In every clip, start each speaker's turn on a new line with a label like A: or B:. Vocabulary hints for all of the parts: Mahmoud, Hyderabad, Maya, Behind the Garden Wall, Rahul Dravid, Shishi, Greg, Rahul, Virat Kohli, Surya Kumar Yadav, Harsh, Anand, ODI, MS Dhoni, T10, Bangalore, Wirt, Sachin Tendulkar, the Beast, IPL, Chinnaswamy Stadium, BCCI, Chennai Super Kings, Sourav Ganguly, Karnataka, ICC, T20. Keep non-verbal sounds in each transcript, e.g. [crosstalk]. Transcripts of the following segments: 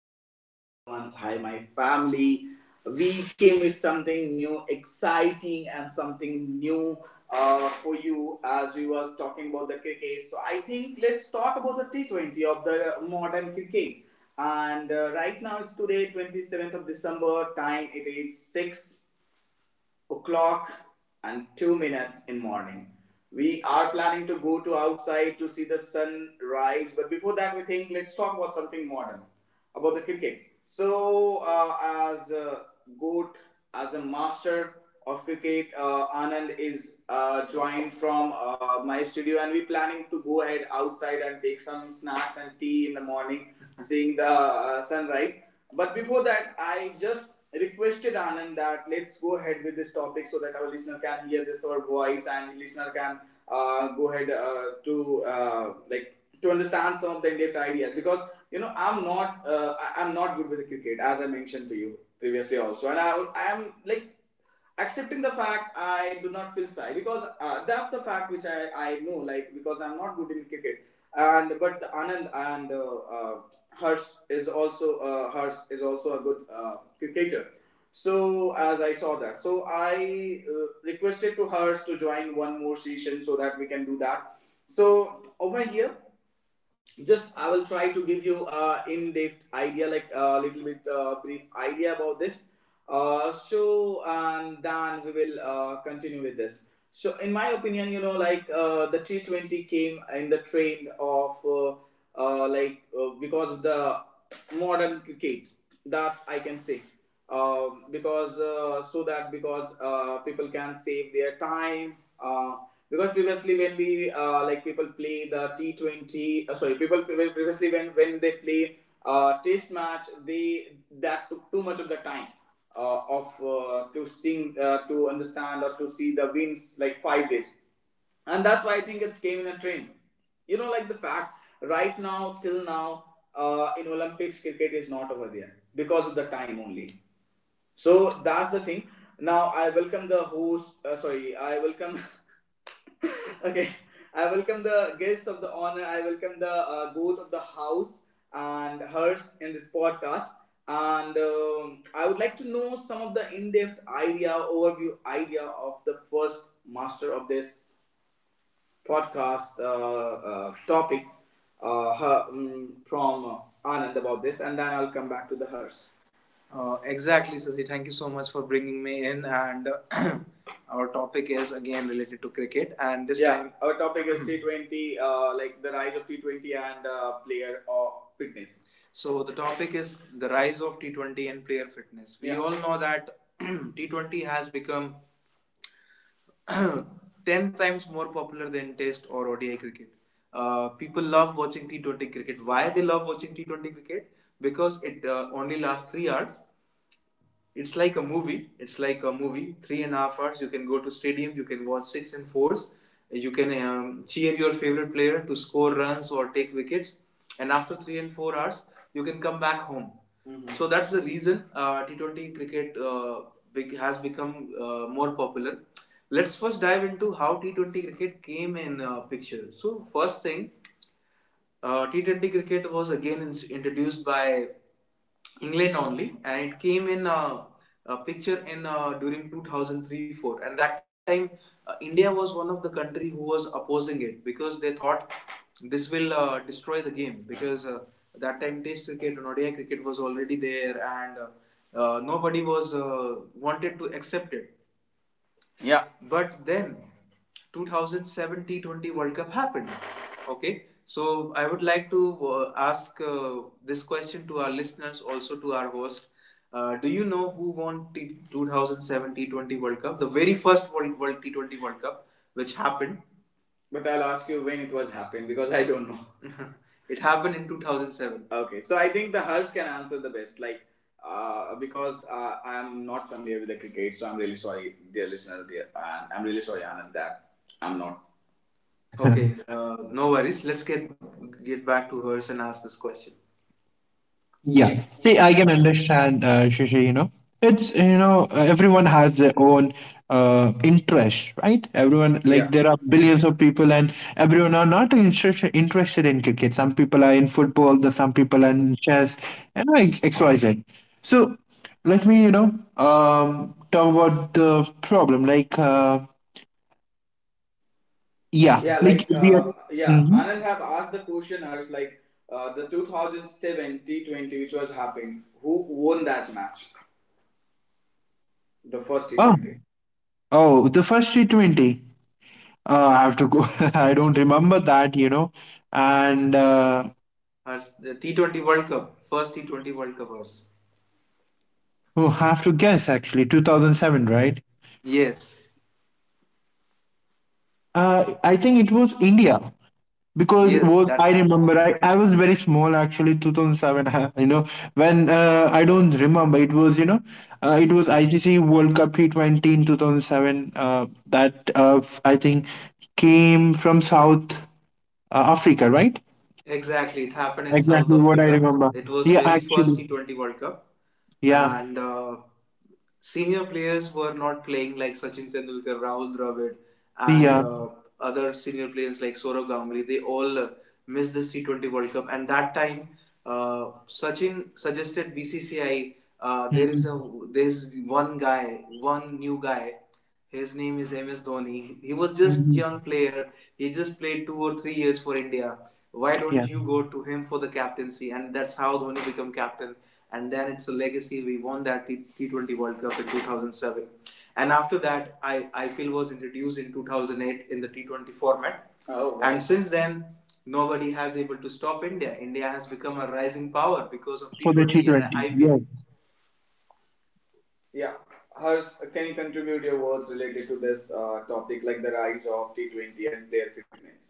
A: Hi, my loved ones. Hi, my family. We came with something new, exciting, and something new, for you as we was talking about the cricket. So I think let's talk about the T20 of the modern cricket. And Right now it's today, 27th of December. Time it is 6 o'clock and 2 minutes in morning. We are planning to go to outside to see the sun rise, but before that, we think let's talk about something modern about the cricket. So, as a goat, as a master of cricket, Anand is joined from my studio, and we're planning to go ahead outside and take some snacks and tea in the morning, [laughs] seeing the sunrise. But before that, I just requested Anand that let's go ahead with this topic so that our listener can hear this our voice, and listener can go ahead to like to understand some of the in-depth ideas, because you know I'm not am not good with the cricket, as I mentioned to you previously also, and I am like accepting the fact. I do not feel shy because that's the fact which I know, like, because I'm not good in cricket. And but Anand, and Harsh Harsh is also a good cricketer. So as I saw that, so I requested to Harsh to join one more session so that we can do that. So over here, just I will try to give you in-depth idea, like a little bit brief idea about this, so, and then we will continue with this. So in my opinion, you know, like, the T20 came in the trend of, like, because of the modern cricket, that's I can say. Because so that, because people can save their time, uh, because previously, when we, like, people play the T20, sorry, people previously, when they play test match, they that took too much of the time, of, to sing, to understand or to see the wins, like 5 days. And that's why I think it's came in a trend, you know, like the fact, right now, till now, in Olympics cricket is not over there because of the time only. So that's the thing. Now I welcome the host. Sorry, I welcome. [laughs] Okay, I welcome the guest of the honor. I welcome the goat of the house and hers in this podcast. And I would like to know some of the in-depth idea, overview idea of the first master of this podcast topic, her, from Anand about this, and then I'll come back to the hers. Exactly, Sasi. Thank you so much for bringing me in. And [clears throat] our topic is again related to cricket. And this, yeah, time, our topic is [laughs] T20, like the rise of T20 and player or fitness. So the topic is the rise of T20 and player fitness. We, yeah, all know that [clears throat] T20 has become [coughs] [clears throat] 10 times more popular than Test or ODI cricket. People love watching T20 cricket. Why they love watching T20 cricket? Because it only lasts 3 hours. It's like a movie, it's like a movie, three and a half hours. You can go to stadium, you can watch six and fours. You can cheer your favorite player to score runs or take wickets, and after 3 and 4 hours, you can come back home. Mhm. So that's the reason T20 cricket, big, has become more popular. Let's first dive into how T20 cricket came in picture. So first thing, T20 cricket was again introduced by England only, and it came in a picture in, during 2003-4, and that time India was one of the country who was opposing it because they thought this will destroy the game, because that time Test cricket and ODI cricket was already there, and nobody was wanted to accept it. Yeah. But then 2007 T20 World Cup happened. Okay. So I would like to ask this question to our listeners, also to our host. Do you know who won 2007 T20 World Cup, the very first World T20 World Cup, which happened? But I'll ask you when it was happened because I don't know. [laughs] It happened in 2007. Okay, so I think the hers can answer the best. Like, because I'm not familiar with the cricket, so I'm really sorry, dear listener, dear, and I'm really sorry, Anand, that I'm not. Okay, no worries. Let's get back to hers and ask this question.
B: Yeah. See, I can understand, Shishi, everyone has their own interest, right? Everyone,
A: Yeah,
B: there are billions of people and everyone are not interested in cricket. Some people are in football, the some people are in chess, and you know, XYZ. So let me, talk about the problem. Yeah,
A: yeah,
B: like,
A: like,
B: we are,
A: yeah,
B: Mhm.
A: Anand have asked the question, Hers, like, the 2007 T20, which was happening, who won that match? The first
B: oh,
A: T20.
B: oh, the first T20. I have to go. [laughs] I don't remember that, you know. And
A: Hers, the T20 World Cup, first T20 World Cup, hers.
B: We'll have to guess actually, 2007, right?
A: Yes,
B: I think it was India because
A: yes,
B: what I
A: that's
B: remember, I was very small actually, 2007. [laughs] You know, when I don't remember, it was it was ICC World Cup T20 in 2007. I think came from South Africa, right?
A: exactly. It happened in South
B: Exactly what I
A: Africa.
B: remember.
A: It was
B: Yeah,
A: very first
B: actually.
A: T20 World Cup,
B: Yeah,
A: and senior players were not playing, like Sachin Tendulkar, Rahul Dravid, and
B: yeah.
A: other senior players like Sourav Ganguly. They all missed this T20 World Cup, and that time Sachin suggested BCCI. There is a
B: Mm-hmm.
A: there is one guy, one new guy. His name is MS Dhoni. He was just
B: Mhm.
A: young player. He just played 2 or 3 years for India. Why don't
B: Yeah,
A: you go to him for the captaincy? And that's how Dhoni became captain. And then it's a legacy. We won that 20 World Cup in 2007. And after that, I IPL was introduced in 2008 in the T20 format. Oh, wow. And since then, nobody has able to stop India. India has become a rising power because of
B: for the
A: T20 and
B: T20.
A: IPL.
B: Yes,
A: Yeah. Hers, can you contribute your words related to this topic, like the rise of T20 and their fitness?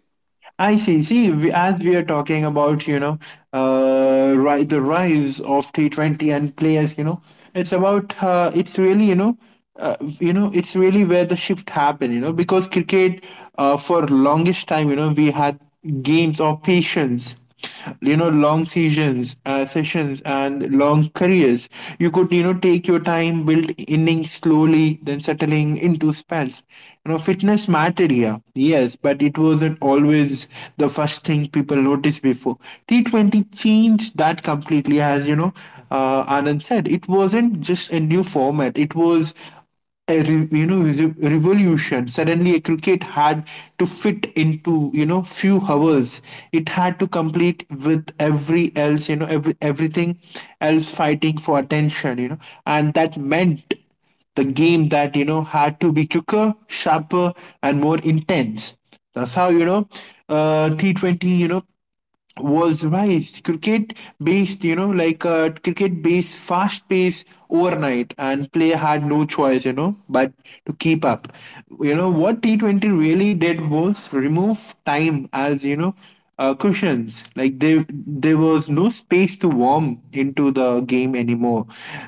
B: I see. See, we, as we are talking about, ri the rise of T20 and players, you know, it's about, it's really, it's really where the shift happened, you know, because cricket, for longest time, you know, we had games or patience, you know, long seasons, sessions and long careers. You could, you know, take your time, build innings slowly, then settling into spells. You know, fitness mattered here, yes, but it wasn't always the first thing people noticed before T20 changed that completely. As you know, Anand said, it wasn't just a new format, it was a revolution. Suddenly a cricket had to fit into, you know, few hours. It had to complete with every else, you know, everything else fighting for attention, you know, and that meant the game that, you know, had to be quicker, sharper, and more intense. That's how, you know, T20, you know, was raised cricket based, you know, cricket based, fast pace overnight, and player had no choice, you know, but to keep up. You know, what T20 really did was remove time as, cushions. Like there was no space to warm into the game anymore.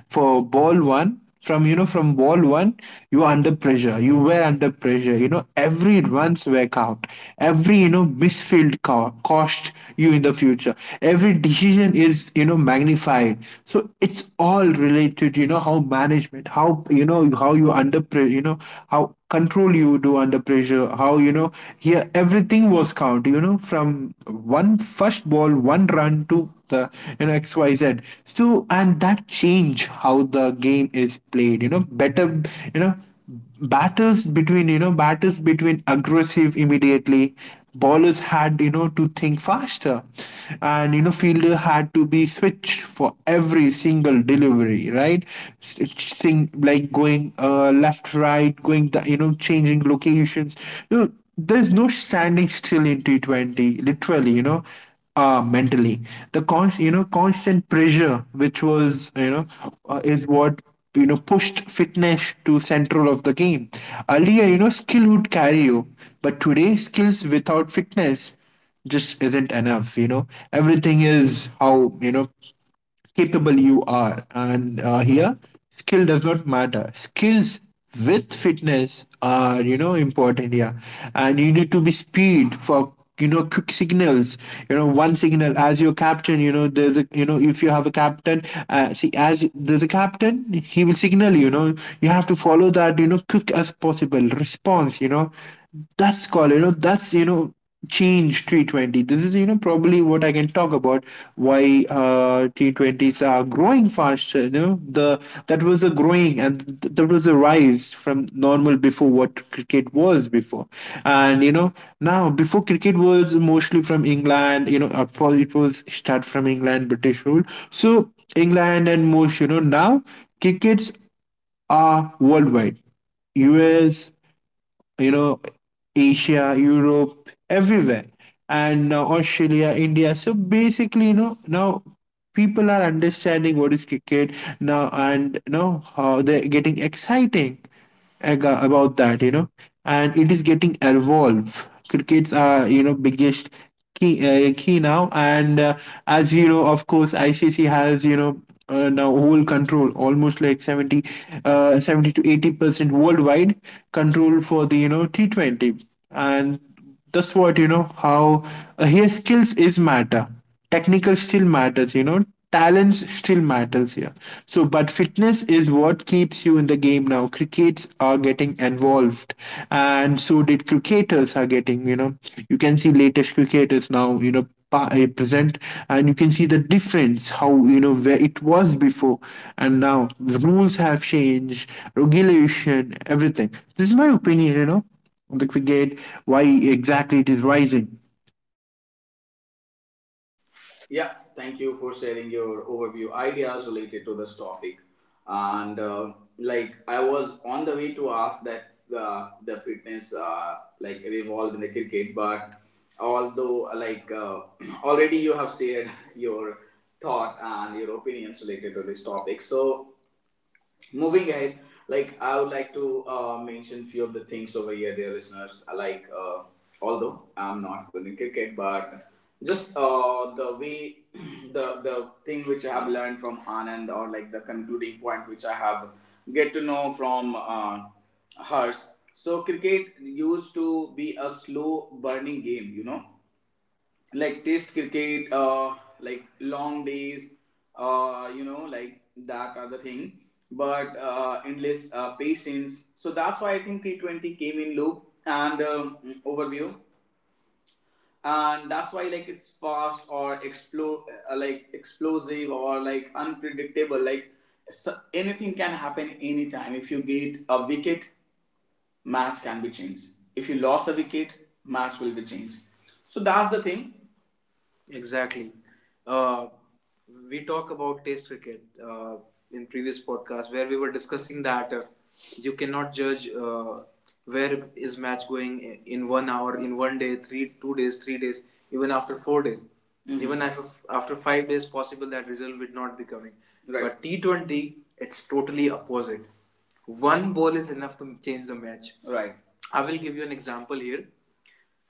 B: For ball one, from wall one, you were under pressure. You were under pressure, you know, every once workout, every, you know, cost you in the future, every decision is, you know, magnified. So it's all related, you know, how management, how, how you under how control you do under pressure, how, you know, here everything was count, you know, from one first ball one run to the, you know, XYZ. So and that change how the game is played, you know, better, you know, batters between aggressive immediately, ballers had, you know, to think faster, and, you know, fielder had to be switched for every single delivery, right? Sing, like going, left right, going the, you know, changing locations, you know, there's no standing still in T20 literally, you know, mentally. The constant pressure, which was, is what, you know, pushed fitness to central of the game. Earlier, you know, skill would carry you, but today, skills without fitness just isn't enough. You know, everything is how, you know, capable you are. And here, skill does not matter. Skills with fitness are, you know, important here, and you need to be speed for, you know, quick signals. You know, one signal as your captain, you know, if you have a captain, see as there's a captain, he will signal, you know, you have to follow that, you know, quick as possible response, you know, that's called, you know, that's, you know, change T20. This is, you know, probably what I can talk about why T20s are growing faster. You know, the that was a growing, and that was a rise from normal before what cricket was before. And you know, now before cricket was mostly from England. You know, at first it was start from England, British rule. So England and most, you know, now crickets are worldwide. US, you know, Asia, Europe, everywhere, and now Australia, India. So basically, you know, now people are understanding what is cricket now, and you know how they're getting exciting about that, you know, and it is getting evolved. Crickets are, you know, biggest key, key now and as you know, of course, ICC has, you know, now whole control almost like 70, 70 to 80% worldwide control for the, you know, T20, and that's what, you know, how his skills is matter, technical still matters, you know, talents still matters here. So but fitness is what keeps you in the game. Now crickets are getting involved, and so did cricketers are getting, you know, you can see latest cricketers now, you know, present, and you can see the difference how, you know, where it was before, and now the rules have changed, regulation, everything. This is my opinion, you know, on the cricket, why exactly it is rising.
A: Yeah, thank you for sharing your overview ideas related to this topic. And like I was on the way to ask that the fitness like evolved in the cricket, but although, like, [clears throat] already you have shared [laughs] your thought and your opinions related to this topic. So moving ahead, like I would like to mention few of the things over here, dear listeners. Like, although I'm not good in cricket, but just, the way [clears throat] the thing which I have learned from Anand, or like the concluding point which I have get to know from hers. So cricket used to be a slow burning game, you know, like test cricket, like long days, you know, like that other thing, but endless patience. So that's why I think T20 came in loop, and overview, and that's why, like, it's fast or explode, like explosive, or like unpredictable, like, so anything can happen anytime. If you get a wicket, match can be changed. If you lost a wicket, match will be changed. So that's the thing. Exactly. Uh, we talk about taste cricket in previous podcast, where we were discussing that you cannot judge where is match going, in one hour, in one day, three, 2 days, 3 days, even after 4 days, Mhm. even after 5 days, possible that result would not be coming. Right. But T20, it's totally opposite. One ball is enough to change the match. Right. I will give you an example here.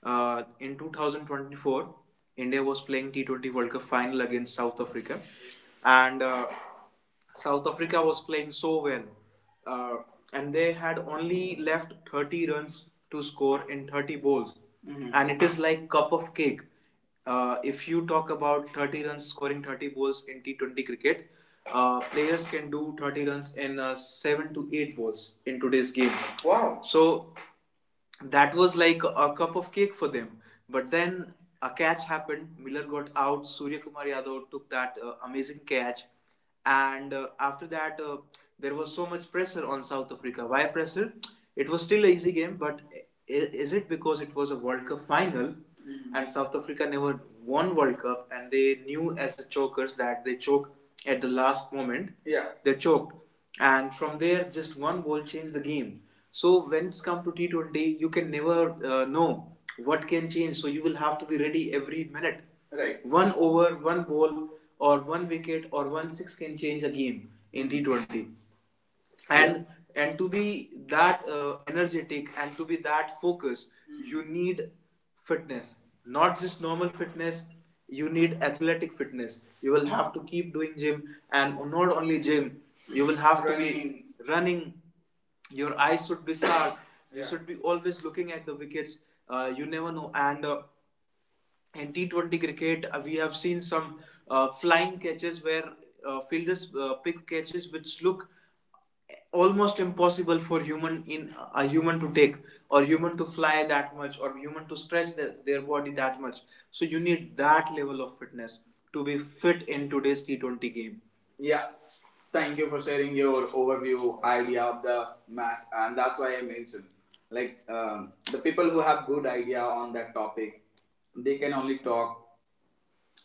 A: In 2024, India was playing T20 World Cup final against South Africa, and South Africa was playing so well, uh, and they had only left 30 runs to score in 30 balls, Mhm. and it is like cup of cake. If you talk about 30 runs scoring 30 balls in T20 cricket, players can do 30 runs in 7 to 8 balls in today's game. Wow. So that was like a cup of cake for them. But then a catch happened. Miller got out. Surya Kumar Yadav took that amazing catch. And after that, there was so much pressure on South Africa. Why pressure? It was still an easy game, but is it because it was a World Cup final, Mhm. and South Africa never won World Cup, and they knew as a chokers that they choke at the last moment? Yeah. They choked. And from there, just one goal changed the game. So when it's come to T20, you can never know what can change. So you will have to be ready every minute. Right. One over, one ball, or one wicket, or one six can change a game in T20. And yeah, and to be that energetic and to be that focused, you need fitness, not just normal fitness. You need athletic fitness. You will have to keep doing gym, and not only gym, you will have, running. Your eyes should be sharp. [coughs] Yeah, you should be always looking at the wickets. You never know. And In T20 cricket, we have seen some flying catches where fielders pick catches which look almost impossible for human in a human to take, or human to fly that much, or human to stretch their body that much. So you need that level of fitness to be fit in today's T20 game. Yeah, thank you for sharing your overview idea of the match, and that's why I mentioned, like, the people who have good idea on that topic, they can only talk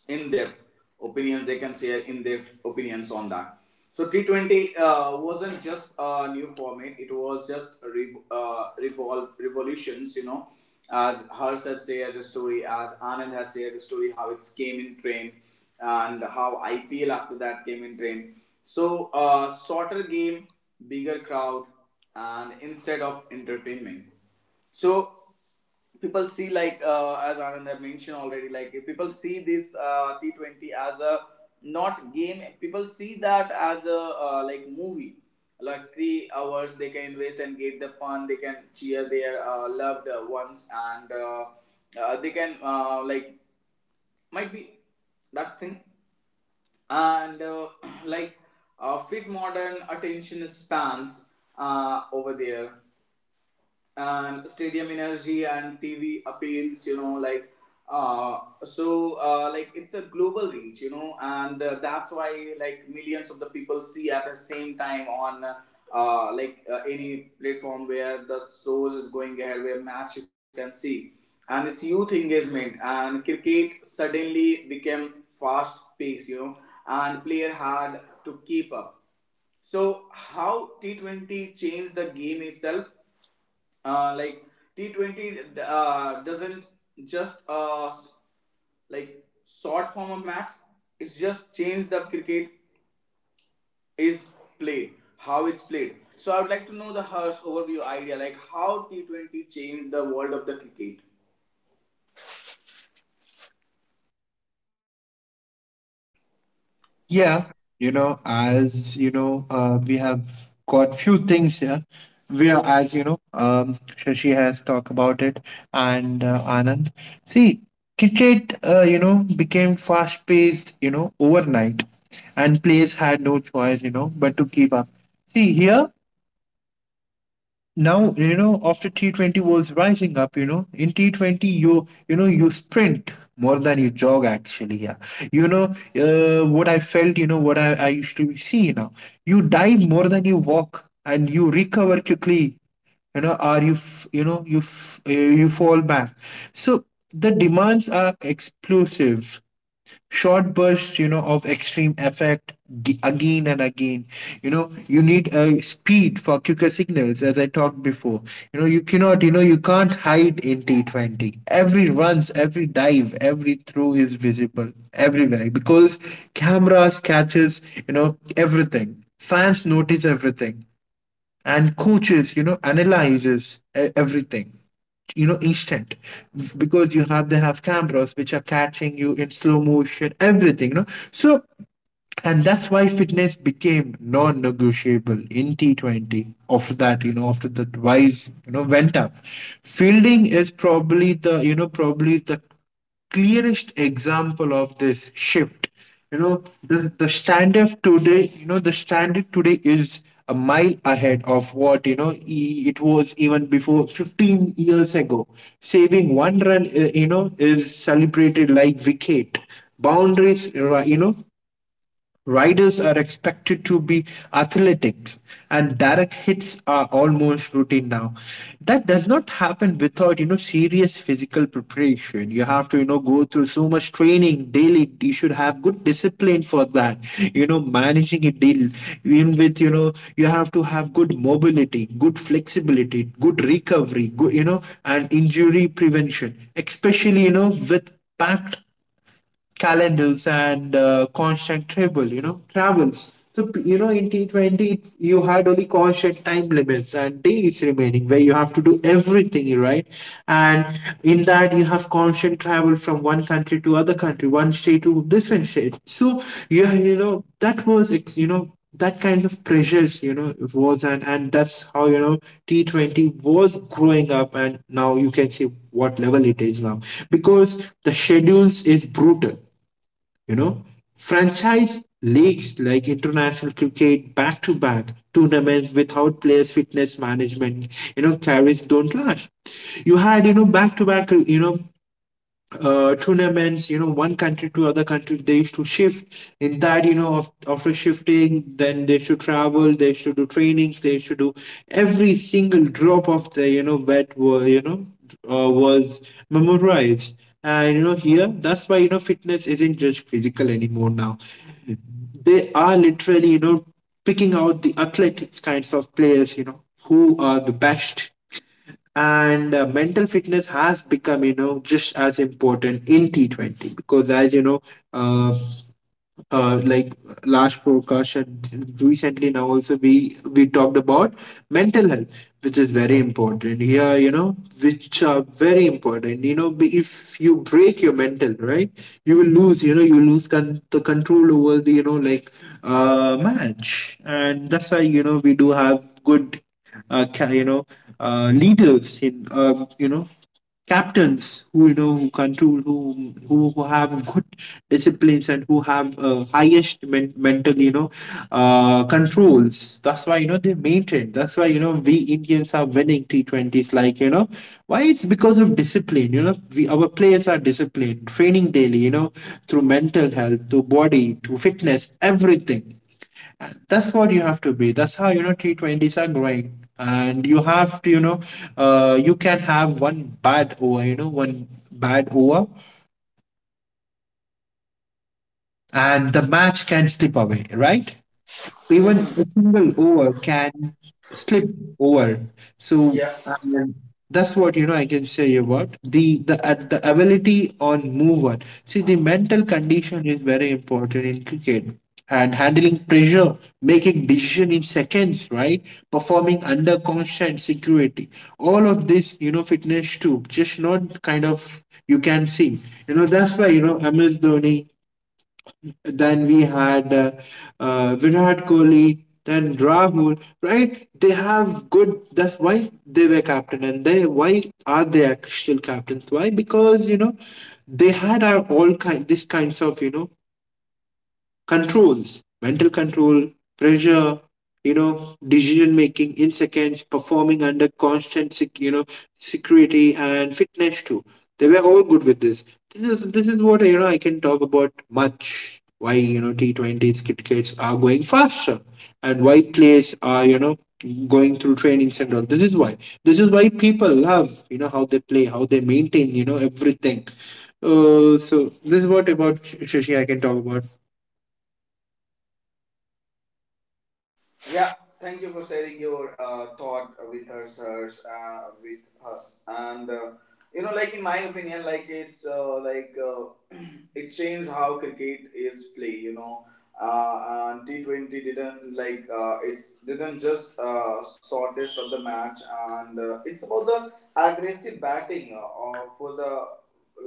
A: in-depth opinions. They can share in-depth opinions on that. So T20 wasn't just a new format, it was just a revolutions, you know, as Harsh had shared the story, as Anand has shared the story, how it came in train and how IPL after that came in train. So shorter game, bigger crowd, and instead of entertainment. So people see, like, as Anand had mentioned already, like, if people see this T20 as a not game, people see that as a, like, movie. Like, 3 hours, they can invest and get the fun. They can cheer their loved ones, and they can, like, might be that thing. And [clears throat] like, fit modern attention spans over there, and stadium energy and TV appeals, you know, like. Like, it's a global reach, you know, and that's why, like, millions of the people see at the same time on like, any platform where the shows is going ahead, where match you can see. And it's youth engagement, and cricket suddenly became fast pace, you know, and player had to keep up. So how T20 changed the game itself. Like, T20 doesn't just like short form of match. It's just changed the cricket is played, how it's played. So I would like to know the Harsh overview idea, like how T20 changed the world of the cricket.
B: Yeah, you know, as you know, we have got few things here. We are, as you know, Shashi has talked about it, and Anand. See, cricket, you know, became fast-paced, you know, overnight, and players had no choice, you know, but to keep up. See here, now you know after T20 was rising up, you know, in T20 you, you know, you sprint more than you jog actually, yeah, you know, what I felt, you know, what I used to see now, you dive more than you walk, and you recover quickly, you know, or you you fall back. So the demands are explosive, short bursts, you know, of extreme effect, again and again, you know, you need a speed for quicker signals, as I talked before. You know, you cannot, you know, you can't hide in T20. Every runs, every dive, every throw is visible everywhere because cameras catches, you know, everything. Fans notice everything, and coaches, you know, analyzes everything, you know, instant, because you have, they have cameras which are catching you in slow motion everything, you know. So and that's why fitness became non-negotiable in T20 after that, you know, after the wise, you know, went up. Fielding is probably the, you know, probably the clearest example of this shift. You know, the standard today, you know, the standard today is a mile ahead of what, you know, it was even before 15 years ago. Saving one run, you know, is celebrated like wicket, boundaries, you know, Riders are expected to be athletic, and direct hits are almost routine now. That does not happen without, you know, serious physical preparation. You have to, you know, go through so much training daily. You should have good discipline for that. You know, managing it daily, even with, you know, you have to have good mobility, good flexibility, good recovery, good, you know, and injury prevention, especially, you know, with packed calendars and constant travel, you know, travels. So, you know, in T20, you had only constant time limits and days remaining where you have to do everything, right? And in that, you have constant travel from one country to other country, one state to different state. So, you know, that was, you know, that kind of pressures, you know, it was, and that's how, you know, T20 was growing up, and now you can see what level it is now because the schedules is brutal, you know, franchise leagues like international cricket, back to back tournaments without players' fitness management, you know, carries don't last. You had, you know, back to back, tournaments, you know, one country to other country, they used to shift. In that, you know, of, after shifting, then they should travel, they should do trainings, they should do every single drop of the, you know, you know, was memorized. And, you know, here, that's why, you know, fitness isn't just physical anymore now. They are literally, picking out the athletics kinds of players, who are the best, and mental fitness has become, you know, just as important in T20, because as you know, uh, like last podcast and recently now also, we talked about mental health, which is very important here, you know, which are very important, you know, if you break your mental, right? You will lose, you know, you lose, the control over the, match. And that's why, you know, we do have good, uh, ca- you know leaders in, captains who, you know, who control, who have good disciplines and who have, highest, mental, you know, controls. That's why, you know, they maintain. That's why, you know, we Indians are winning T20s, like, you know, why? It's because of discipline. You know, we our players are disciplined, training daily, you know, through mental health, to body, to fitness, everything. That's what you have to be. That's how, you know, T20s are growing, and you have to, you can have one bad over, you know, one bad over, and the match can slip away, right? Even a single over can slip over. So
A: Yeah,
B: and that's what, you know, I can say about the ability on move on. See, the mental condition is very important in cricket. And handling pressure, making decision in seconds, right? Performing under constant security. All of this, you know, fitness too. Just not kind of you can see. You know, that's why, you know, MS Dhoni, then we had, Virat Kohli, then Rahul, right? They have good. That's why they were captain, and they why are they actual captains? Why? Because you know they had our all kind, these kinds of, you know, controls, mental control, pressure, you know, decision making in seconds, performing under constant, you know, security, and fitness too. They were all good with this. This is what, you know, I can talk about much: why, you know, T20s crickets are going faster, and why players are, you know, going through trainings and all. This is why, people love, you know, how they play, how they maintain, you know, everything. So, this is what about Shashi I can talk about.
A: yeah, thank you for sharing your thought with her, sirs, with us. And you know, like, in my opinion, like, it's like, [clears throat] it changed how cricket is played, you know. And T 20 didn't, like, it's didn't just shortest of the match, and it's about the aggressive batting, for the,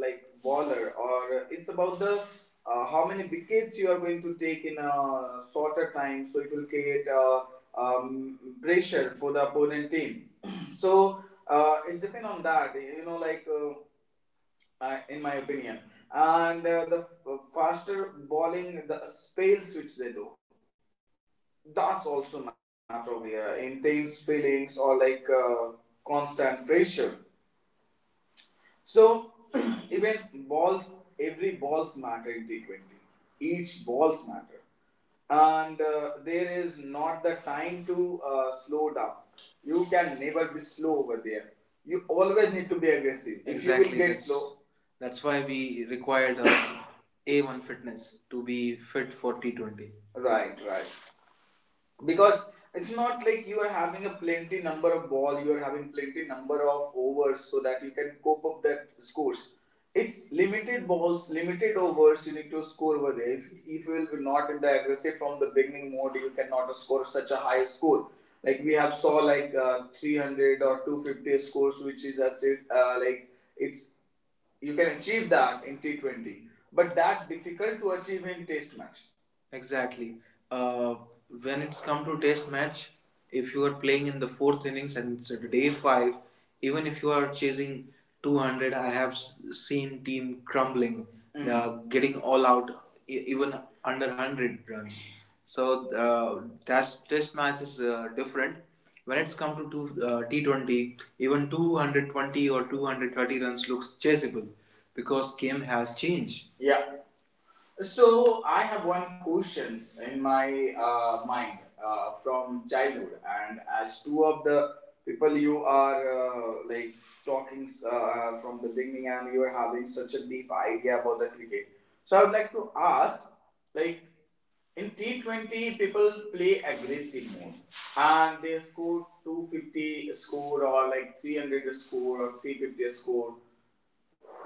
A: like, bowler, or it's about the, how many wickets you are going to take in a shorter time, so it will create pressure for the opponent team. [clears throat] So it's depend on that, you know, like, in my opinion. And the faster bowling, the spells which they do, that's also matter here in intense spellings, or like, constant pressure. So [clears throat] even balls, every balls matter in T 20. Each balls matter, and there is not the time to slow down. You can never be slow over there. You always need to be aggressive. If exactly, you will exactly get that's slow, that's why we required a [coughs] A1 fitness to be fit for T20. Right, right. Because it's not like you are having a plenty number of ball, you are having plenty number of overs so that you can cope up that scores. It's limited balls, limited overs. You need to score over there. If you will be not in the aggressive from the beginning mode, you cannot score such a high score, like we have saw, like, 300 or 250 scores which is achieved, like, it's, you can achieve that in T20, but that difficult to achieve in test match. Exactly. Uh, when it's come to test match, if you are playing in the fourth innings and it's at day five, even if you are chasing 200, I have seen team crumbling, mhm, getting all out, even under 100 runs. So uh, test match is different. When it's come to T20, even 220 or 230 runs looks chaseable because game has changed. Yeah, so I have one questions in my mind, from childhood, and as two of the people, you are, like, talking, from the beginning, and you are having such a deep idea about the cricket. So I would like to ask, like, in T20, people play aggressive mode and they score 250 score or like 300 score or 350 score.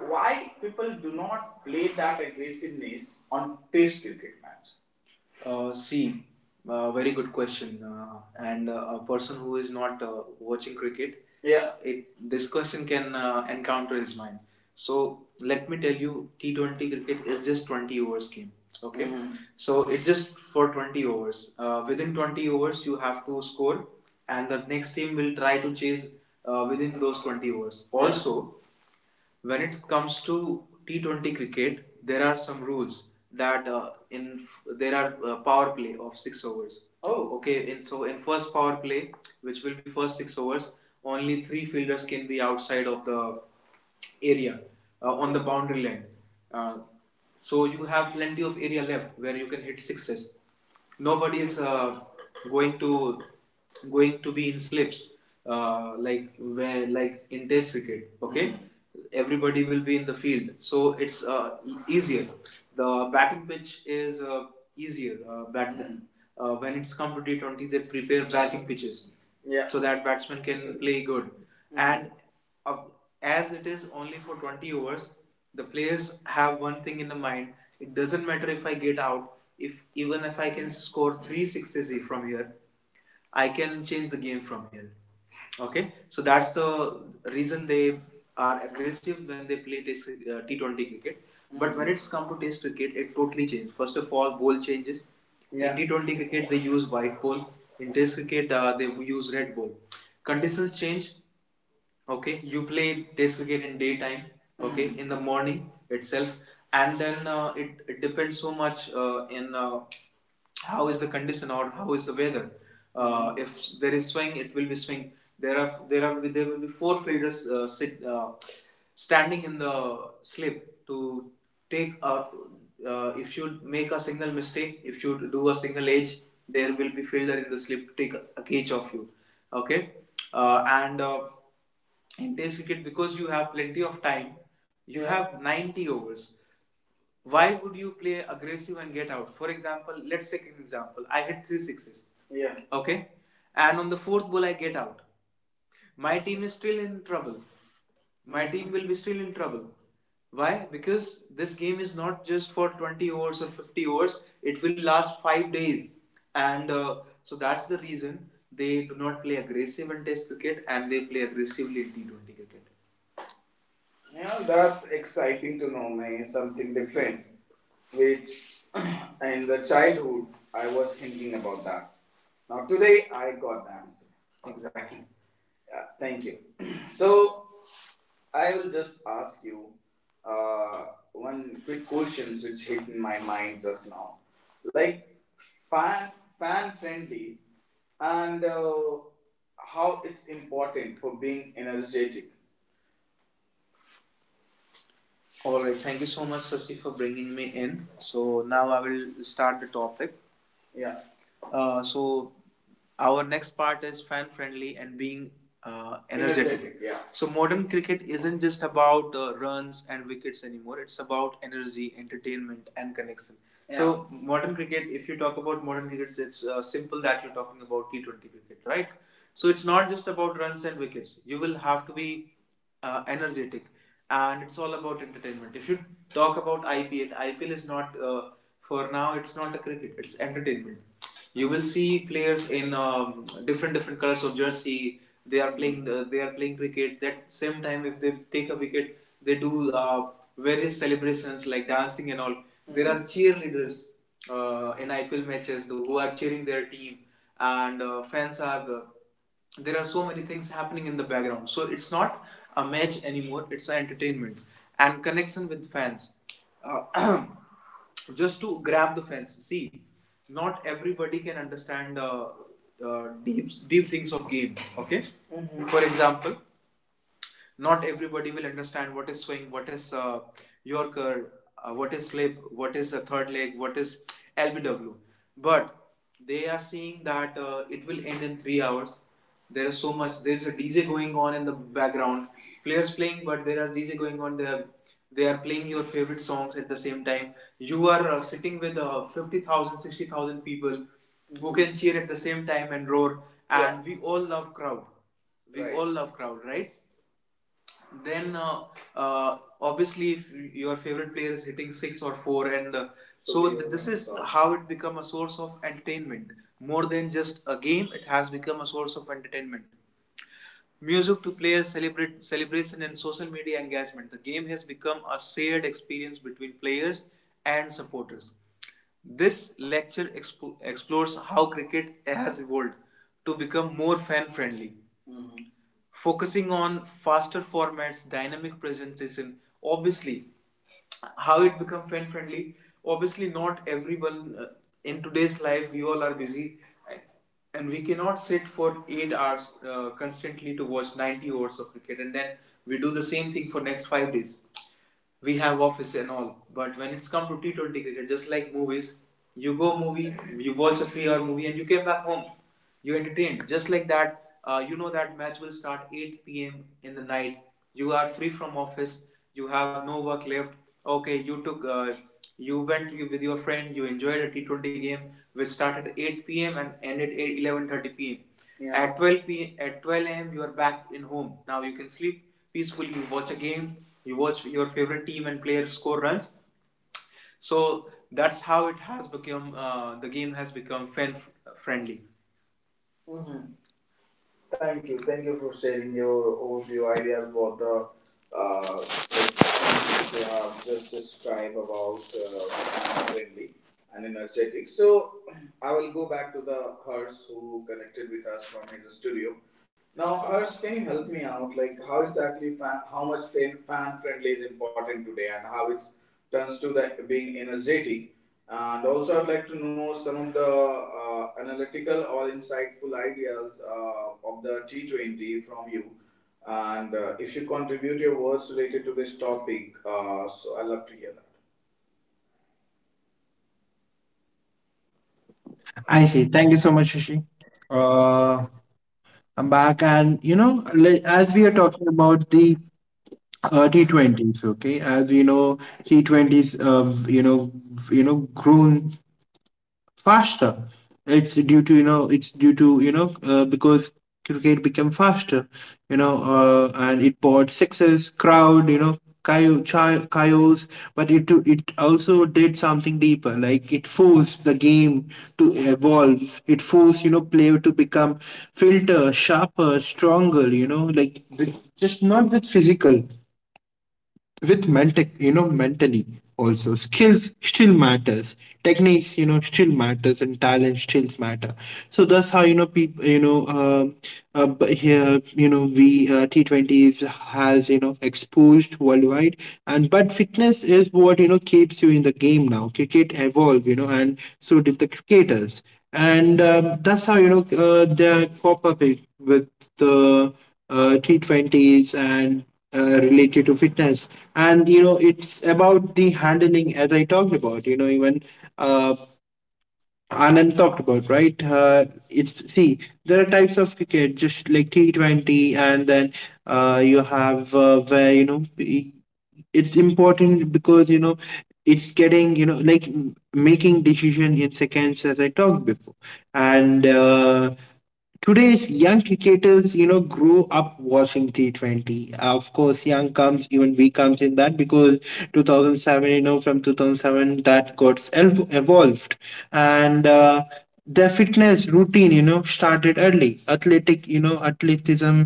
A: Why people do not play that aggressiveness on test cricket match? See, very good question. And A person who is not watching cricket, yeah, it, this question can encounter his mind. So let me tell you, T20 cricket is just 20 overs game. Okay, mhm, so it's just for 20 overs. Within 20 overs, you have to score, and the next team will try to chase within those 20 overs. Also, when it comes to T20 cricket, there are some rules that, there are, power play of 6 overs. Oh, okay. In, so in first power play, which will be first 6 overs, only 3 fielders can be outside of the area, on the boundary line. Uh, so you have plenty of area left where you can hit sixes. Nobody is, going to going to be in slips, like, where, like, in test cricket. Okay, mm-hmm. Everybody will be in the field, so it's easier. The batting pitch is easier. When it's come to T20, they prepare batting pitches. Yeah. So that batsman can play good. Mm-hmm. And, of- as it is only for 20 overs, the players have one thing in the mind. It doesn't matter if I get out, if, even if I can score three sixes from here, I can change the game from here. Okay, so that's the reason they are aggressive when they play T20 cricket. But when it's come to test cricket, it totally changes. First of all, ball changes. Yeah. In, yeah, T20 cricket, they use white ball. In test cricket, they use red ball. Conditions change. Okay, you play test cricket in daytime. Okay, mhm, in the morning itself. And then it depends so much in how is the condition or how is the weather. If there is swing, it will be swing. There will be 4 fielders sit standing in the slip to take a, if you make a single mistake, if you do a single edge, there will be fielder in the slip to take a catch of you. Okay. And In Test cricket, because you have plenty of time, you have 90 overs. Why would you play aggressive and get out? For example, let's take an example. I hit three sixes. Yeah. Okay. And on the fourth ball, I get out. My team is still in trouble. My team will be still in trouble. Why? Because this game is not just for 20 hours or 50 hours, it will last 5 days. And so that's the reason they do not play aggressive in test cricket and they play aggressively in T20 cricket. Yeah, that's exciting to know, man. Something different. Which, [clears throat] in the childhood, I was thinking about that. Now today, I got the answer. Exactly. Yeah, thank you. [clears throat] So I will just ask you uh, one quick questions which hit in my mind just now, like, fan, fan friendly, and how it's important for being energetic. All right. Thank you so much, Sasi, for bringing me in. So now I will start the topic. Yeah. So our next part is fan friendly and being energetic. Energetic, yeah. So modern cricket isn't just about runs and wickets anymore. It's about energy, entertainment, and connection. So modern cricket, if you talk about modern cricket, it's simple that you're talking about T20 cricket, right? So it's not just about runs and wickets. You will have to be energetic, and it's all about entertainment. If you talk about IPL, IPL is not for now. It's not a cricket. It's entertainment. You will see players in different, different colors of jersey. They are playing. They are playing cricket. That same time, if they take a wicket, they do various celebrations like dancing and all. Mm-hmm. There are cheerleaders in IPL matches who are cheering their team, and fans are. There are so many things happening in the background. So it's not a match anymore, it's an entertainment and connection with fans. Uh, [clears throat] just to grab the fans. See, not everybody can understand deep things of game. Okay, mm-hmm, for example, not everybody will understand what is swing, what is yorker, what is slip, what is a third leg, what is lbw, but they are seeing that it will end in 3 hours. There is so much, there is a dj going on in the background. Players playing, but there is dj going on. They are playing your favorite songs at the same time. You are sitting with 50,000 people who can cheer at the same time and roar. And, yeah, we all love crowd, we right. All love crowd, right? Then obviously, if your favorite player is hitting six or four, and so this is stop. How it become a source of entertainment. More than just a game, it has become a source of entertainment. Music to players celebrate celebration and social media engagement. The game has become a shared experience between players and supporters. This lecture explores how cricket has evolved to become more fan friendly, focusing on faster formats, dynamic presentation, obviously, how it become fan friendly. Obviously, not everyone, in today's life we all are busy, uh, and we cannot sit for 8 hours constantly to watch 90 hours of cricket, and then we do the same thing for next 5 days. We have office and all. But when it's come to T20 cricket, just like movies, you go movie, you watch a three-hour movie, and you came back home. You entertained. Just like that, you know that match will start 8 p.m. in the night. You are free from office. You have no work left. Okay, you went with your friend. You enjoyed a T20 game, which started at 8 p.m. and ended at 11:30 p.m. At 12 p.m. At 12 a.m. you are back in home. Now you can sleep peacefully. You watch a game, you watch your favorite team and player score runs. So that's how it has become. The game has become fan friendly. Mm-hmm. Thank you. Thank you for sharing your overview ideas about the. You have just described about friendly and energetic. So I will go back to the Hers who connected with us from his studio. Now, Hers, can you help me out? Like, how exactly fan, how much fan, fan friendly is important today, and how it's turns to the being energetic, and also, I'd like to know some of the analytical or insightful ideas of the T20 from you. And if you contribute your words related to this topic, so I'd love to hear that.
B: I see. Thank you so much, Shishi. Uh, I'm back, and, you know, as we are talking about the T20s, okay, as we know, T20s, grown faster. It's due to, you know, because cricket became faster, you know, and it bought sixes, crowd, you know, coyotes, but it also did something deeper. Like, it forced the game to evolve. It forced, you know, player to become filter, sharper, stronger. You know, like, just not with physical, with mentally, also skills still matters, techniques, you know, still matters, and talent still matter. So that's how, you know, people, you know, but here, you know, we, T20s has, you know, exposed worldwide. And but fitness is what, you know, keeps you in the game. Now cricket evolve, you know, and so did the cricketers, and, that's how, you know, they cop up it with the T20s, and, related to fitness. And, you know, it's about the handling, as I talked about, you know. Even, uh, Anand talked about, right? It's, see, there are types of cricket, just like T20, and then, you have, where, you know, it's important, because, you know, it's getting, you know, like making decision in seconds, as I talked before. And today's young cricketers, you know, grow up watching T20. Of course, young comes, even we comes in that, because 2007, you know, from 2007, that got el evolved. And their fitness routine, you know, started early. Athleticism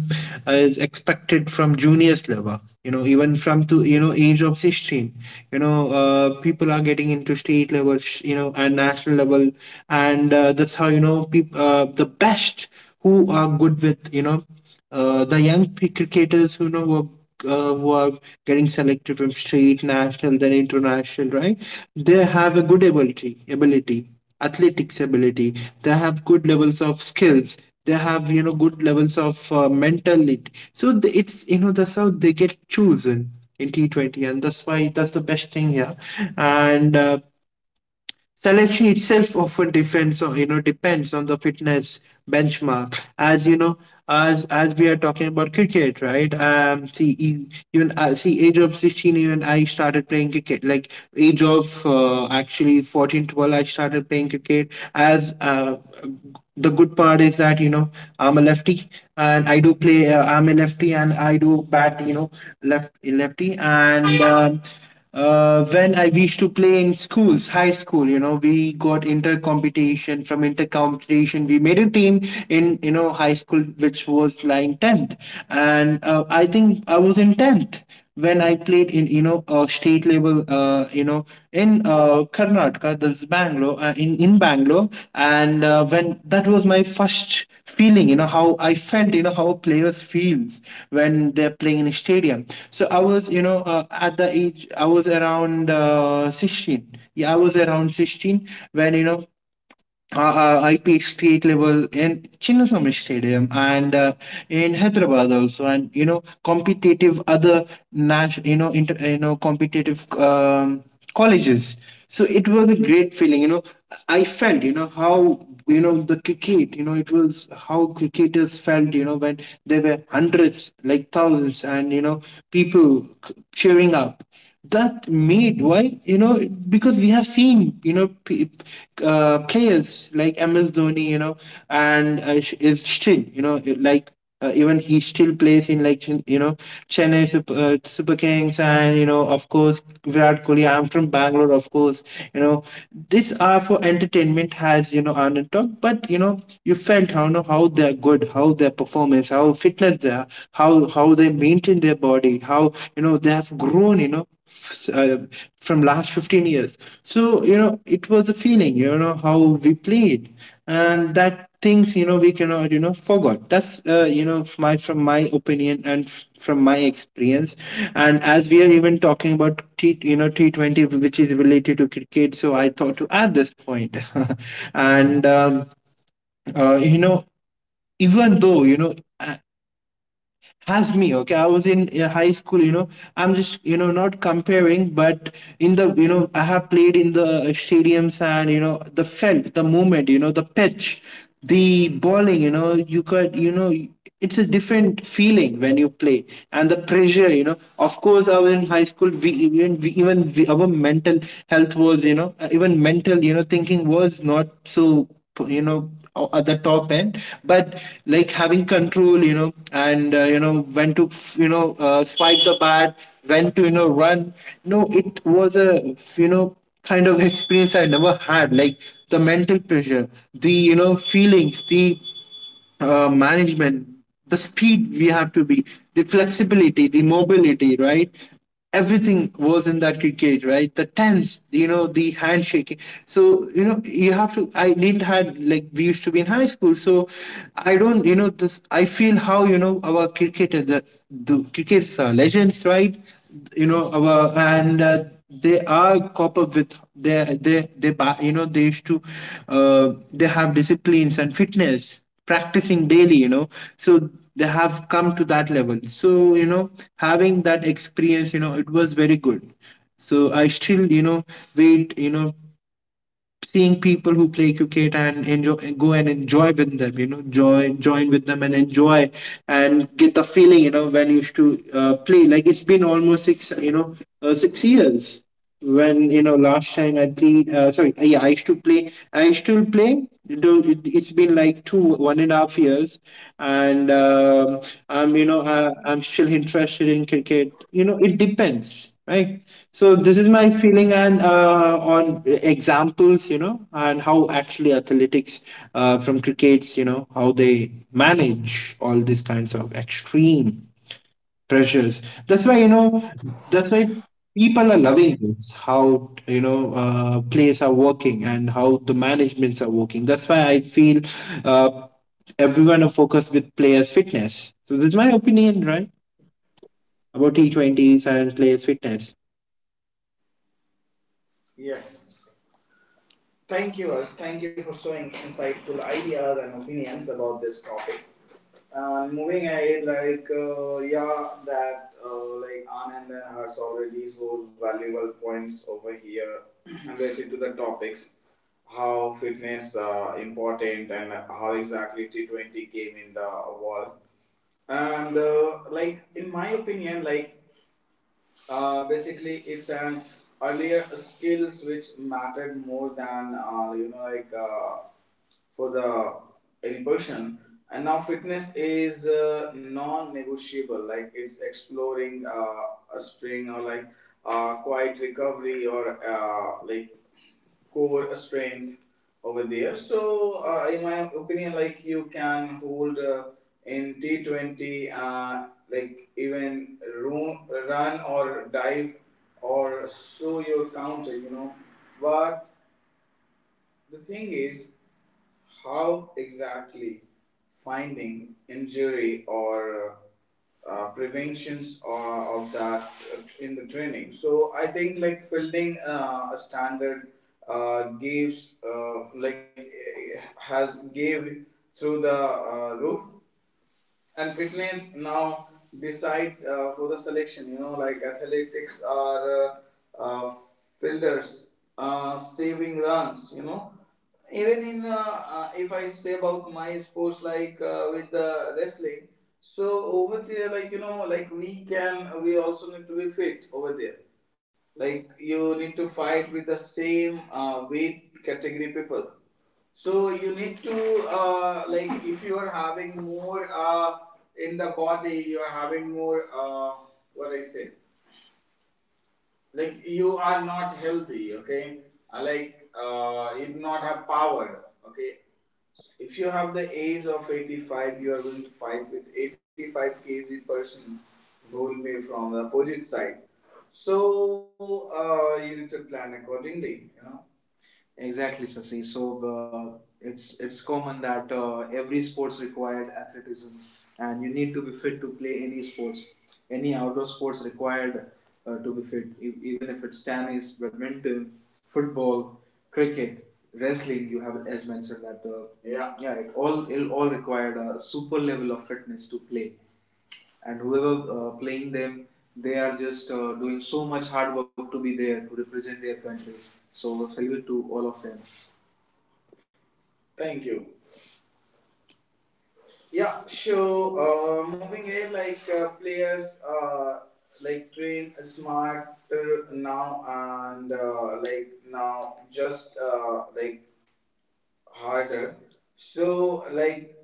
B: is expected from juniors level, you know, even from, to, you know, age of 16. You know, people are getting into state level, you know, and national level. And that's how, you know, people, the best who are good with, you know, the young cricketers who, you know, who are, who are getting selected from state, national, then international, right? They have a good ability, athletics ability. They have good levels of skills. They have, you know, good levels of, mentality. So it's, you know, that's how they get chosen in T20, and that's why that's the best thing here. And selection itself often depends on, you know, depends on the fitness benchmark, as you know, as we are talking about cricket, right? See, even, see, age of 16. Even I started playing cricket like age of actually 14, 12 I started playing cricket as, the good part is that, you know, I'm a lefty, and I do play, I'm a lefty and I do bat, you know, lefty. And when I used to play in schools, high school, you know, we got inter competition. From inter competition, we made a team in, you know, high school, which was lying tenth. And I think I was in tenth when I played in, you know, state level, in, Karnataka, that's Bangalore, in Bangalore. And when that was my first feeling, you know, how I felt, you know, how a players feels when they're playing in a stadium. So I was, you know, at the age, I was around 16. Yeah, I was around 16 when, you know, I played state level in Chinnaswamy Stadium, and in Hyderabad also, and, you know, competitive other national, you know, inter, you know, competitive, colleges. So it was a great feeling, you know. I felt, you know, how, you know, the cricket, you know, it was how cricketers felt, you know, when there were hundreds, like thousands, and, you know, people cheering up, that made, why, you know, because we have seen, you know, players like MS Dhoni, you know. And, is still, you know, like, even he still plays in, like, you know, Chennai Super, Super Kings. And, you know, of course Virat Kohli, I'm from Bangalore, of course, you know, this are for entertainment, has, you know, Anand talked. But, you know, you felt how, you know, how they're good, how their performance, how fitness they are, how they maintain their body, how, you know, they have grown, you know, from last 15 years. So, you know, it was a feeling, you know, how we played, and that things, you know, we cannot, you know, forgot. That's, you know, my from my opinion, and, from my experience. And as we are even talking about t you know T20, which is related to cricket, so I thought to add this point. [laughs] And, you know, even though, you know, has me, okay, I was in, high school, you know, I'm just, you know, not comparing, but in the, you know, I have played in the stadiums, and, you know, the felt the movement, you know, the pitch, the bowling. You know, you could, you know, it's a different feeling when you play, and the pressure, you know, of course I was in high school. We, our mental health was, you know, even mental, you know, thinking was not so, you know, at the top end. But, like, having control, you know, and, you know, when to, swipe the bat, when to, you know, run. No, it was a, you know, kind of experience I never had, like the mental pressure, the, you know, feelings, the, management, the speed we have to be, the flexibility, the mobility, right? Everything was in that cricket, right? The tense, you know, the handshaking. So, you know, you have to, I didn't had, like, we used to be in high school. So I don't, you know, this, I feel how, you know, our cricketers, the cricketers are legends, right? You know, our, and, they are cop up with their, you know, they used to, they have disciplines and fitness, practicing daily, you know. So they have come to that level, so, you know, having that experience, you know, it was very good. So I still, you know, wait, you know, seeing people who play cricket and enjoy, go and enjoy with them, you know, join with them and enjoy, and get the feeling, you know, when you used to, play. Like, it's been almost six years when, you know, last time I played, sorry, yeah, I used to play, I still play, though it's been like 2, 1 and a half years. And, I'm still interested in cricket, you know. It depends, right? So this is my feeling, and, on examples, you know, and how actually athletics, from crickets, you know, how they manage all these kinds of extreme pressures. That's why, you know, that's why people are loving this. How, you know, players are working and how the managements are working. That's why I feel, uh, everyone are focused with players' fitness. So this is my opinion, right, about T20s and players' fitness.
A: Yes. Thank you, us. Thank you for showing insightful ideas and opinions about this topic. And moving ahead, like yeah, that like Anand and Hers already shows valuable points over here [clears throat] related to the topics, how fitness important, and how exactly T T20 came in the world. And like in my opinion, like basically, it's an earlier skills which mattered more than for the any person. And now fitness is non-negotiable. Like it's exploring a spring, or like quiet recovery or like core strength over there. So, in my opinion, like you can hold, in T T20, like even run or dive or show your counter. You know, but the thing is how exactly finding injury or preventions, or of that in the training. So I think like building a standard gives, like, has gave through the roof, and fitness now decide for the selection, you know, like athletics or uh, uh, fielders saving runs, you know. Even in if I say about my sports, like with the wrestling. So over there, like, you know, like we can, we also need to be fit over there. Like you need to fight with the same weight category people. So you need to, like, if you are having more, in the body, you are having more, what I say, like you are not healthy. Okay, like you do not have power. Okay, if you have the age of 85, you are going to fight with 85 kg person who will be from the opposite side. So you need to plan accordingly. You know. Exactly, Sasi. So it's common that every sports required athleticism, and you need to be fit to play any sports. Any outdoor sports required to be fit, even if it's tennis, badminton, football, cricket, wrestling. You have as mentioned that yeah it all required a super level of fitness to play, and whoever playing them, they are just doing so much hard work to be there to represent their country. So salute to all of them. Thank you. Yeah, so moving ahead, like players, like train smarter now, and like now just, like, harder. So, like,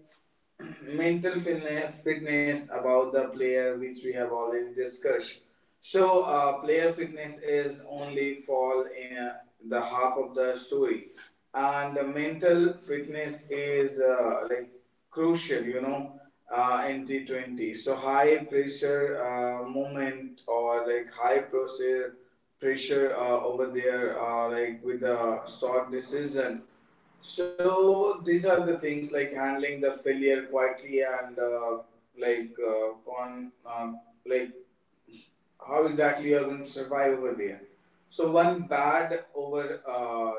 A: [clears throat] mental fitness, fitness about the player, which we have already discussed. So, player fitness is only fall in the half of the story, and the mental fitness is, like, crucial. You know, in T T20, so high pressure moment, or like high pressure over there, like with the short decision. So these are the things, like handling the failure quietly and like con like how exactly you are going to survive over there. So one bad over,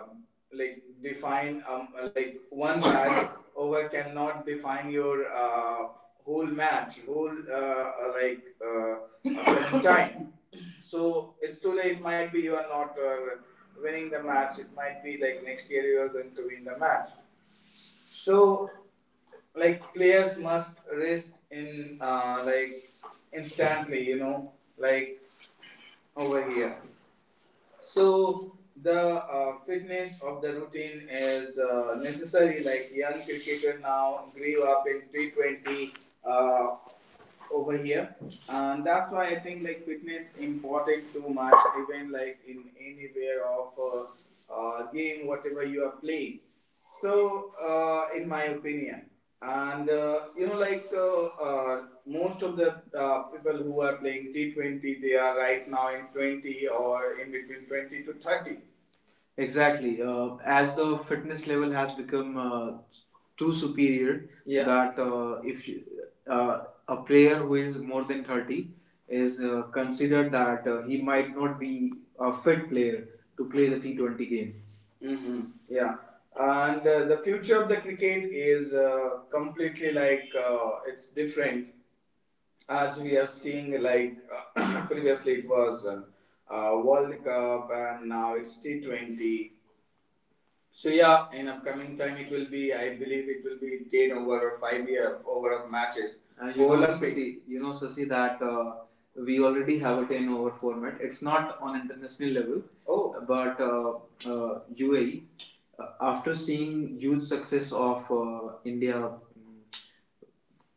A: like one bad [coughs] over cannot define your whole match, whole like upcoming [coughs] time. So it's too late. It might be you are not winning the match. It might be like next year you are going to win the match. So, like players must rest in, like, instantly, you know, like, over here. So the fitness of the routine is necessary. Like young cricketer now grew up in T T20, uh, over here, and that's why I think like fitness important too much. Even like in anywhere of game, whatever you are playing. So, in my opinion, and, you know, like, most of the people who are playing T20, they are right now in 20 or in between 20 to 30. Exactly. As the fitness level has become, too superior, yeah, that if you, a player who is more than 30 is considered that he might not be a fit player to play the T20 game. Hmm. Yeah. And the future of the cricket is, completely like, it's different, as we are seeing. Like, [coughs] [clears throat] previously, it was World Cup, and now it's T T20. So yeah, in upcoming time it will be. I believe it will be ten over or 5 year over of matches. And for, you know, Olympic. Sasi, you know, Sasi, that we already have a 10 over format. It's not on international level. Oh, but UAE, after seeing huge success of India, mm,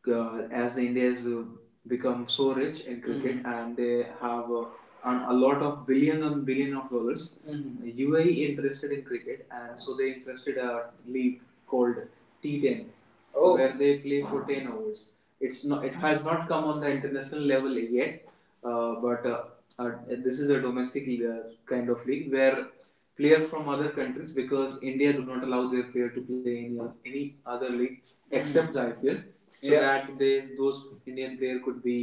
A: as the Indians become so rich in cricket, mm-hmm, and they have a lot of billion and billion of dollars. Mhm. UAE interested in cricket, and so they interested a league called T10. Oh. Where they play for 10 hours. It's not. It has not come on the international level yet, but this is a domestic kind of league where players from other countries, because India do not allow their player to play in any other league except the IPL, so, yeah, that they, those Indian player could be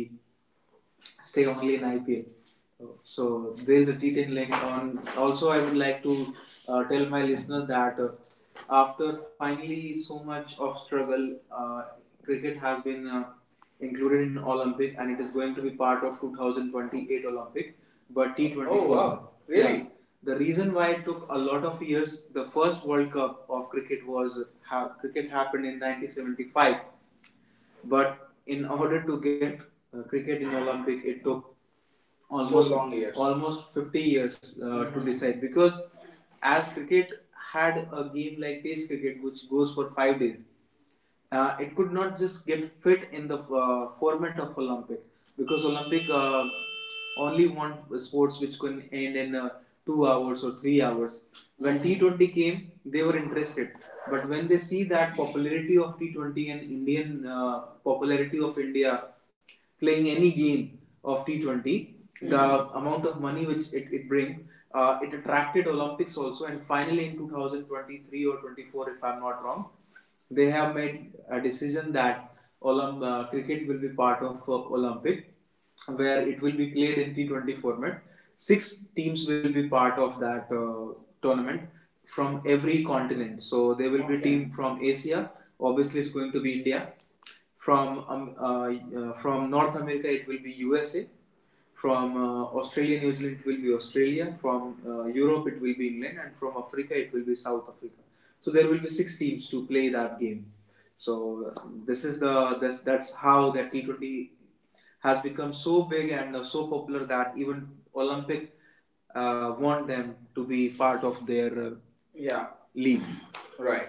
A: stay only in IPL. So there is a T10 link on. Also, I would like to tell my listeners that after finally so much of struggle, cricket has been included in Olympic, and it is going to be part of 2028 Olympic. But T24. Oh, wow. Really? Yeah. The reason why it took a lot of years, the first World Cup of cricket was cricket happened in 1975, but in order to get cricket in Olympic, it took almost so long years. Almost 50 years, mm-hmm, to, mhm. Decide, because as cricket had a game like Test cricket which goes for 5 days, it could not just get fit in the format of Olympic, because Olympic only want sports which can end in 2 hours or 3 hours. When T20 came, they were interested, but when they see that popularity of T20 and Indian popularity of India playing any game of T20, the amount of money which it brings, it attracted Olympics also. And finally, in 2023 or 24, if I'm not wrong, they have made a decision that cricket will be part of Olympic, where it will be played in T20 format. Six teams will be part of that tournament from every continent. So there will, okay, be, okay, team from Asia. Obviously, it's going to be India. From um, uh, from North America, it will be USA. From Australia, New Zealand, it will be Australia. From Europe, it will be England, and from Africa, it will be South Africa. So there will be six teams to play that game. So this is the this, that's how that T20 has become so big and so popular that even Olympic want them to be part of their Yeah. league. Right.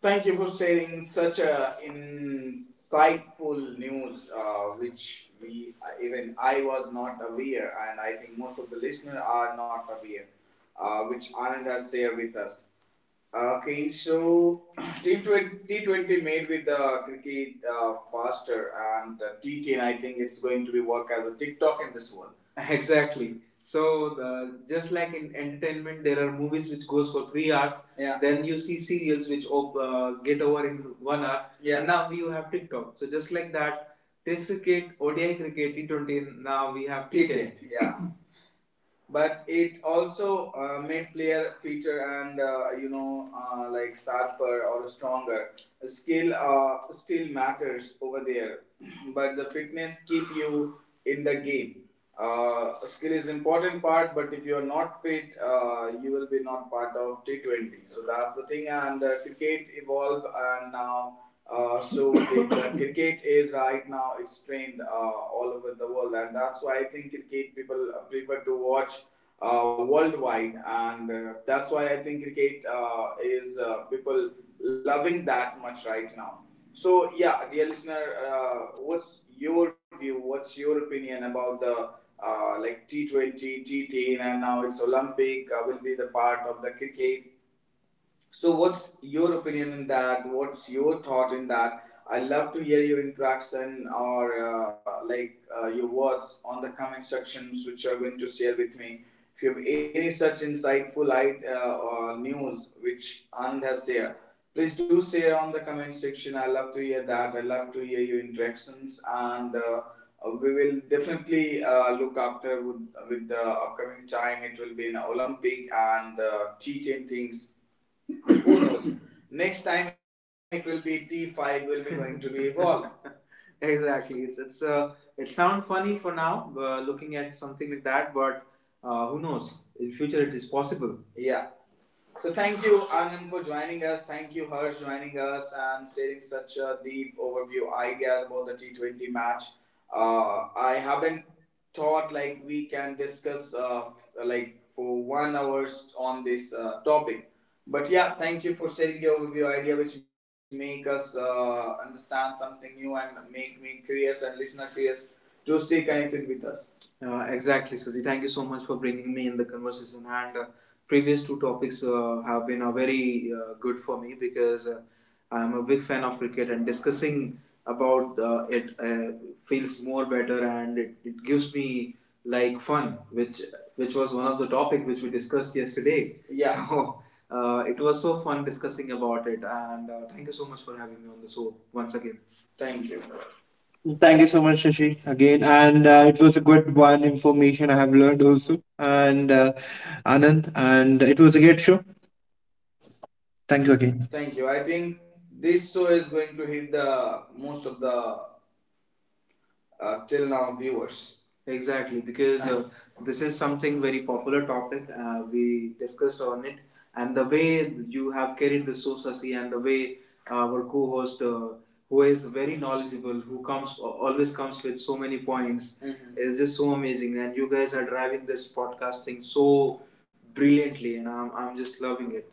A: Thank you for sharing such a insightful news, which we, even I, was not aware, and I think most of the listeners are not aware, which Anand has shared with us. Okay, so [clears throat] T20 made with the cricket faster, and T10, I think it's going to be work as a TikTok in this world. [laughs] Exactly. So just like in entertainment, there are movies which goes for 3 hours. Yeah. Then you see serials which get over in 1 hour. Yeah. And now you have TikTok. So just like that, Test cricket, ODI cricket, T20. Now we have t T10. Yeah, but it also made player fitter and like sharper or stronger. Skill still matters over there, [clears throat] but the fitness keep you in the game. Skill is important part, but if you are not fit, you will be not part of T20. So that's the thing, and cricket evolved, and now the cricket is right now, it's trained all over the world, and that's why I think cricket people prefer to watch worldwide, and that's why I think cricket is people loving that much right now. So yeah, dear listener, what's your view? What's your opinion about the like T T20, T10, and now it's Olympic, will be the part of the cricket? So, what's your opinion in that? What's your thought in that? I love to hear your interaction or your words on the comment sections which you are going to share with me. If you have any such insightful news which Anand has shared, please do share on the comment section. I love to hear that. I love to hear your interactions and. We will definitely look after with the upcoming time. It will be an Olympic and T10 things. [coughs] Who knows? Next time it will be T5 will be going to be evolved. [laughs] Exactly. It's it sounds funny for now, looking at something like that, but who knows? In future, it is possible. Yeah. So thank you, Anand, for joining us. Thank you, Harsh, joining us and sharing such a deep overview ideas about the T20 match. I haven't thought like we can discuss like for 1 hours on this topic. But yeah, thank you for sharing your overview idea, which make us understand something new and make me curious and listener curious to stay connected with us. Exactly, Sazi. Thank you so much for bringing me in the conversation. And previous two topics have been very good for me, because I'm a big fan of cricket, and discussing about it feels more better, and it gives me like fun, which was one of the topic which we discussed yesterday. Yeah. [laughs] So it was so fun discussing about it, and thank you so much for having me on the show once again. Thank you.
B: Thank you so much, Shashi, again. And, it was a good one information I have learned also. And, Anand, and it was a great show. Thank you again.
A: Thank you. I think this show is going to hit the most of the till now viewers. Exactly, because this is something very popular topic. We discussed on it, and the way you have carried the show, Sasi, and the way our co-host, who is very knowledgeable, who comes, always comes with so many points, mhm, is just so amazing. And you guys are driving this podcast thing so brilliantly, and I'm just loving it.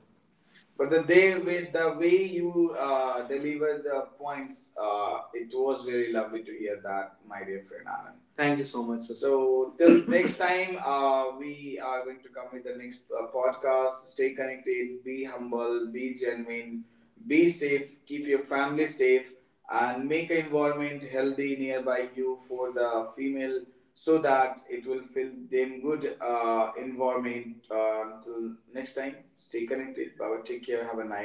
A: But the day with the way you deliver the points, it was really lovely to hear that, my dear friend Anand. Thank you so much. Sachin. So till [laughs] next time, we are going to come with the next podcast. Stay connected, be humble, be genuine, be safe, keep your family safe, and make an environment healthy nearby you for the female so that it will feel them good environment. Until next time, stay connected. Bye bye. Take care. Have a nice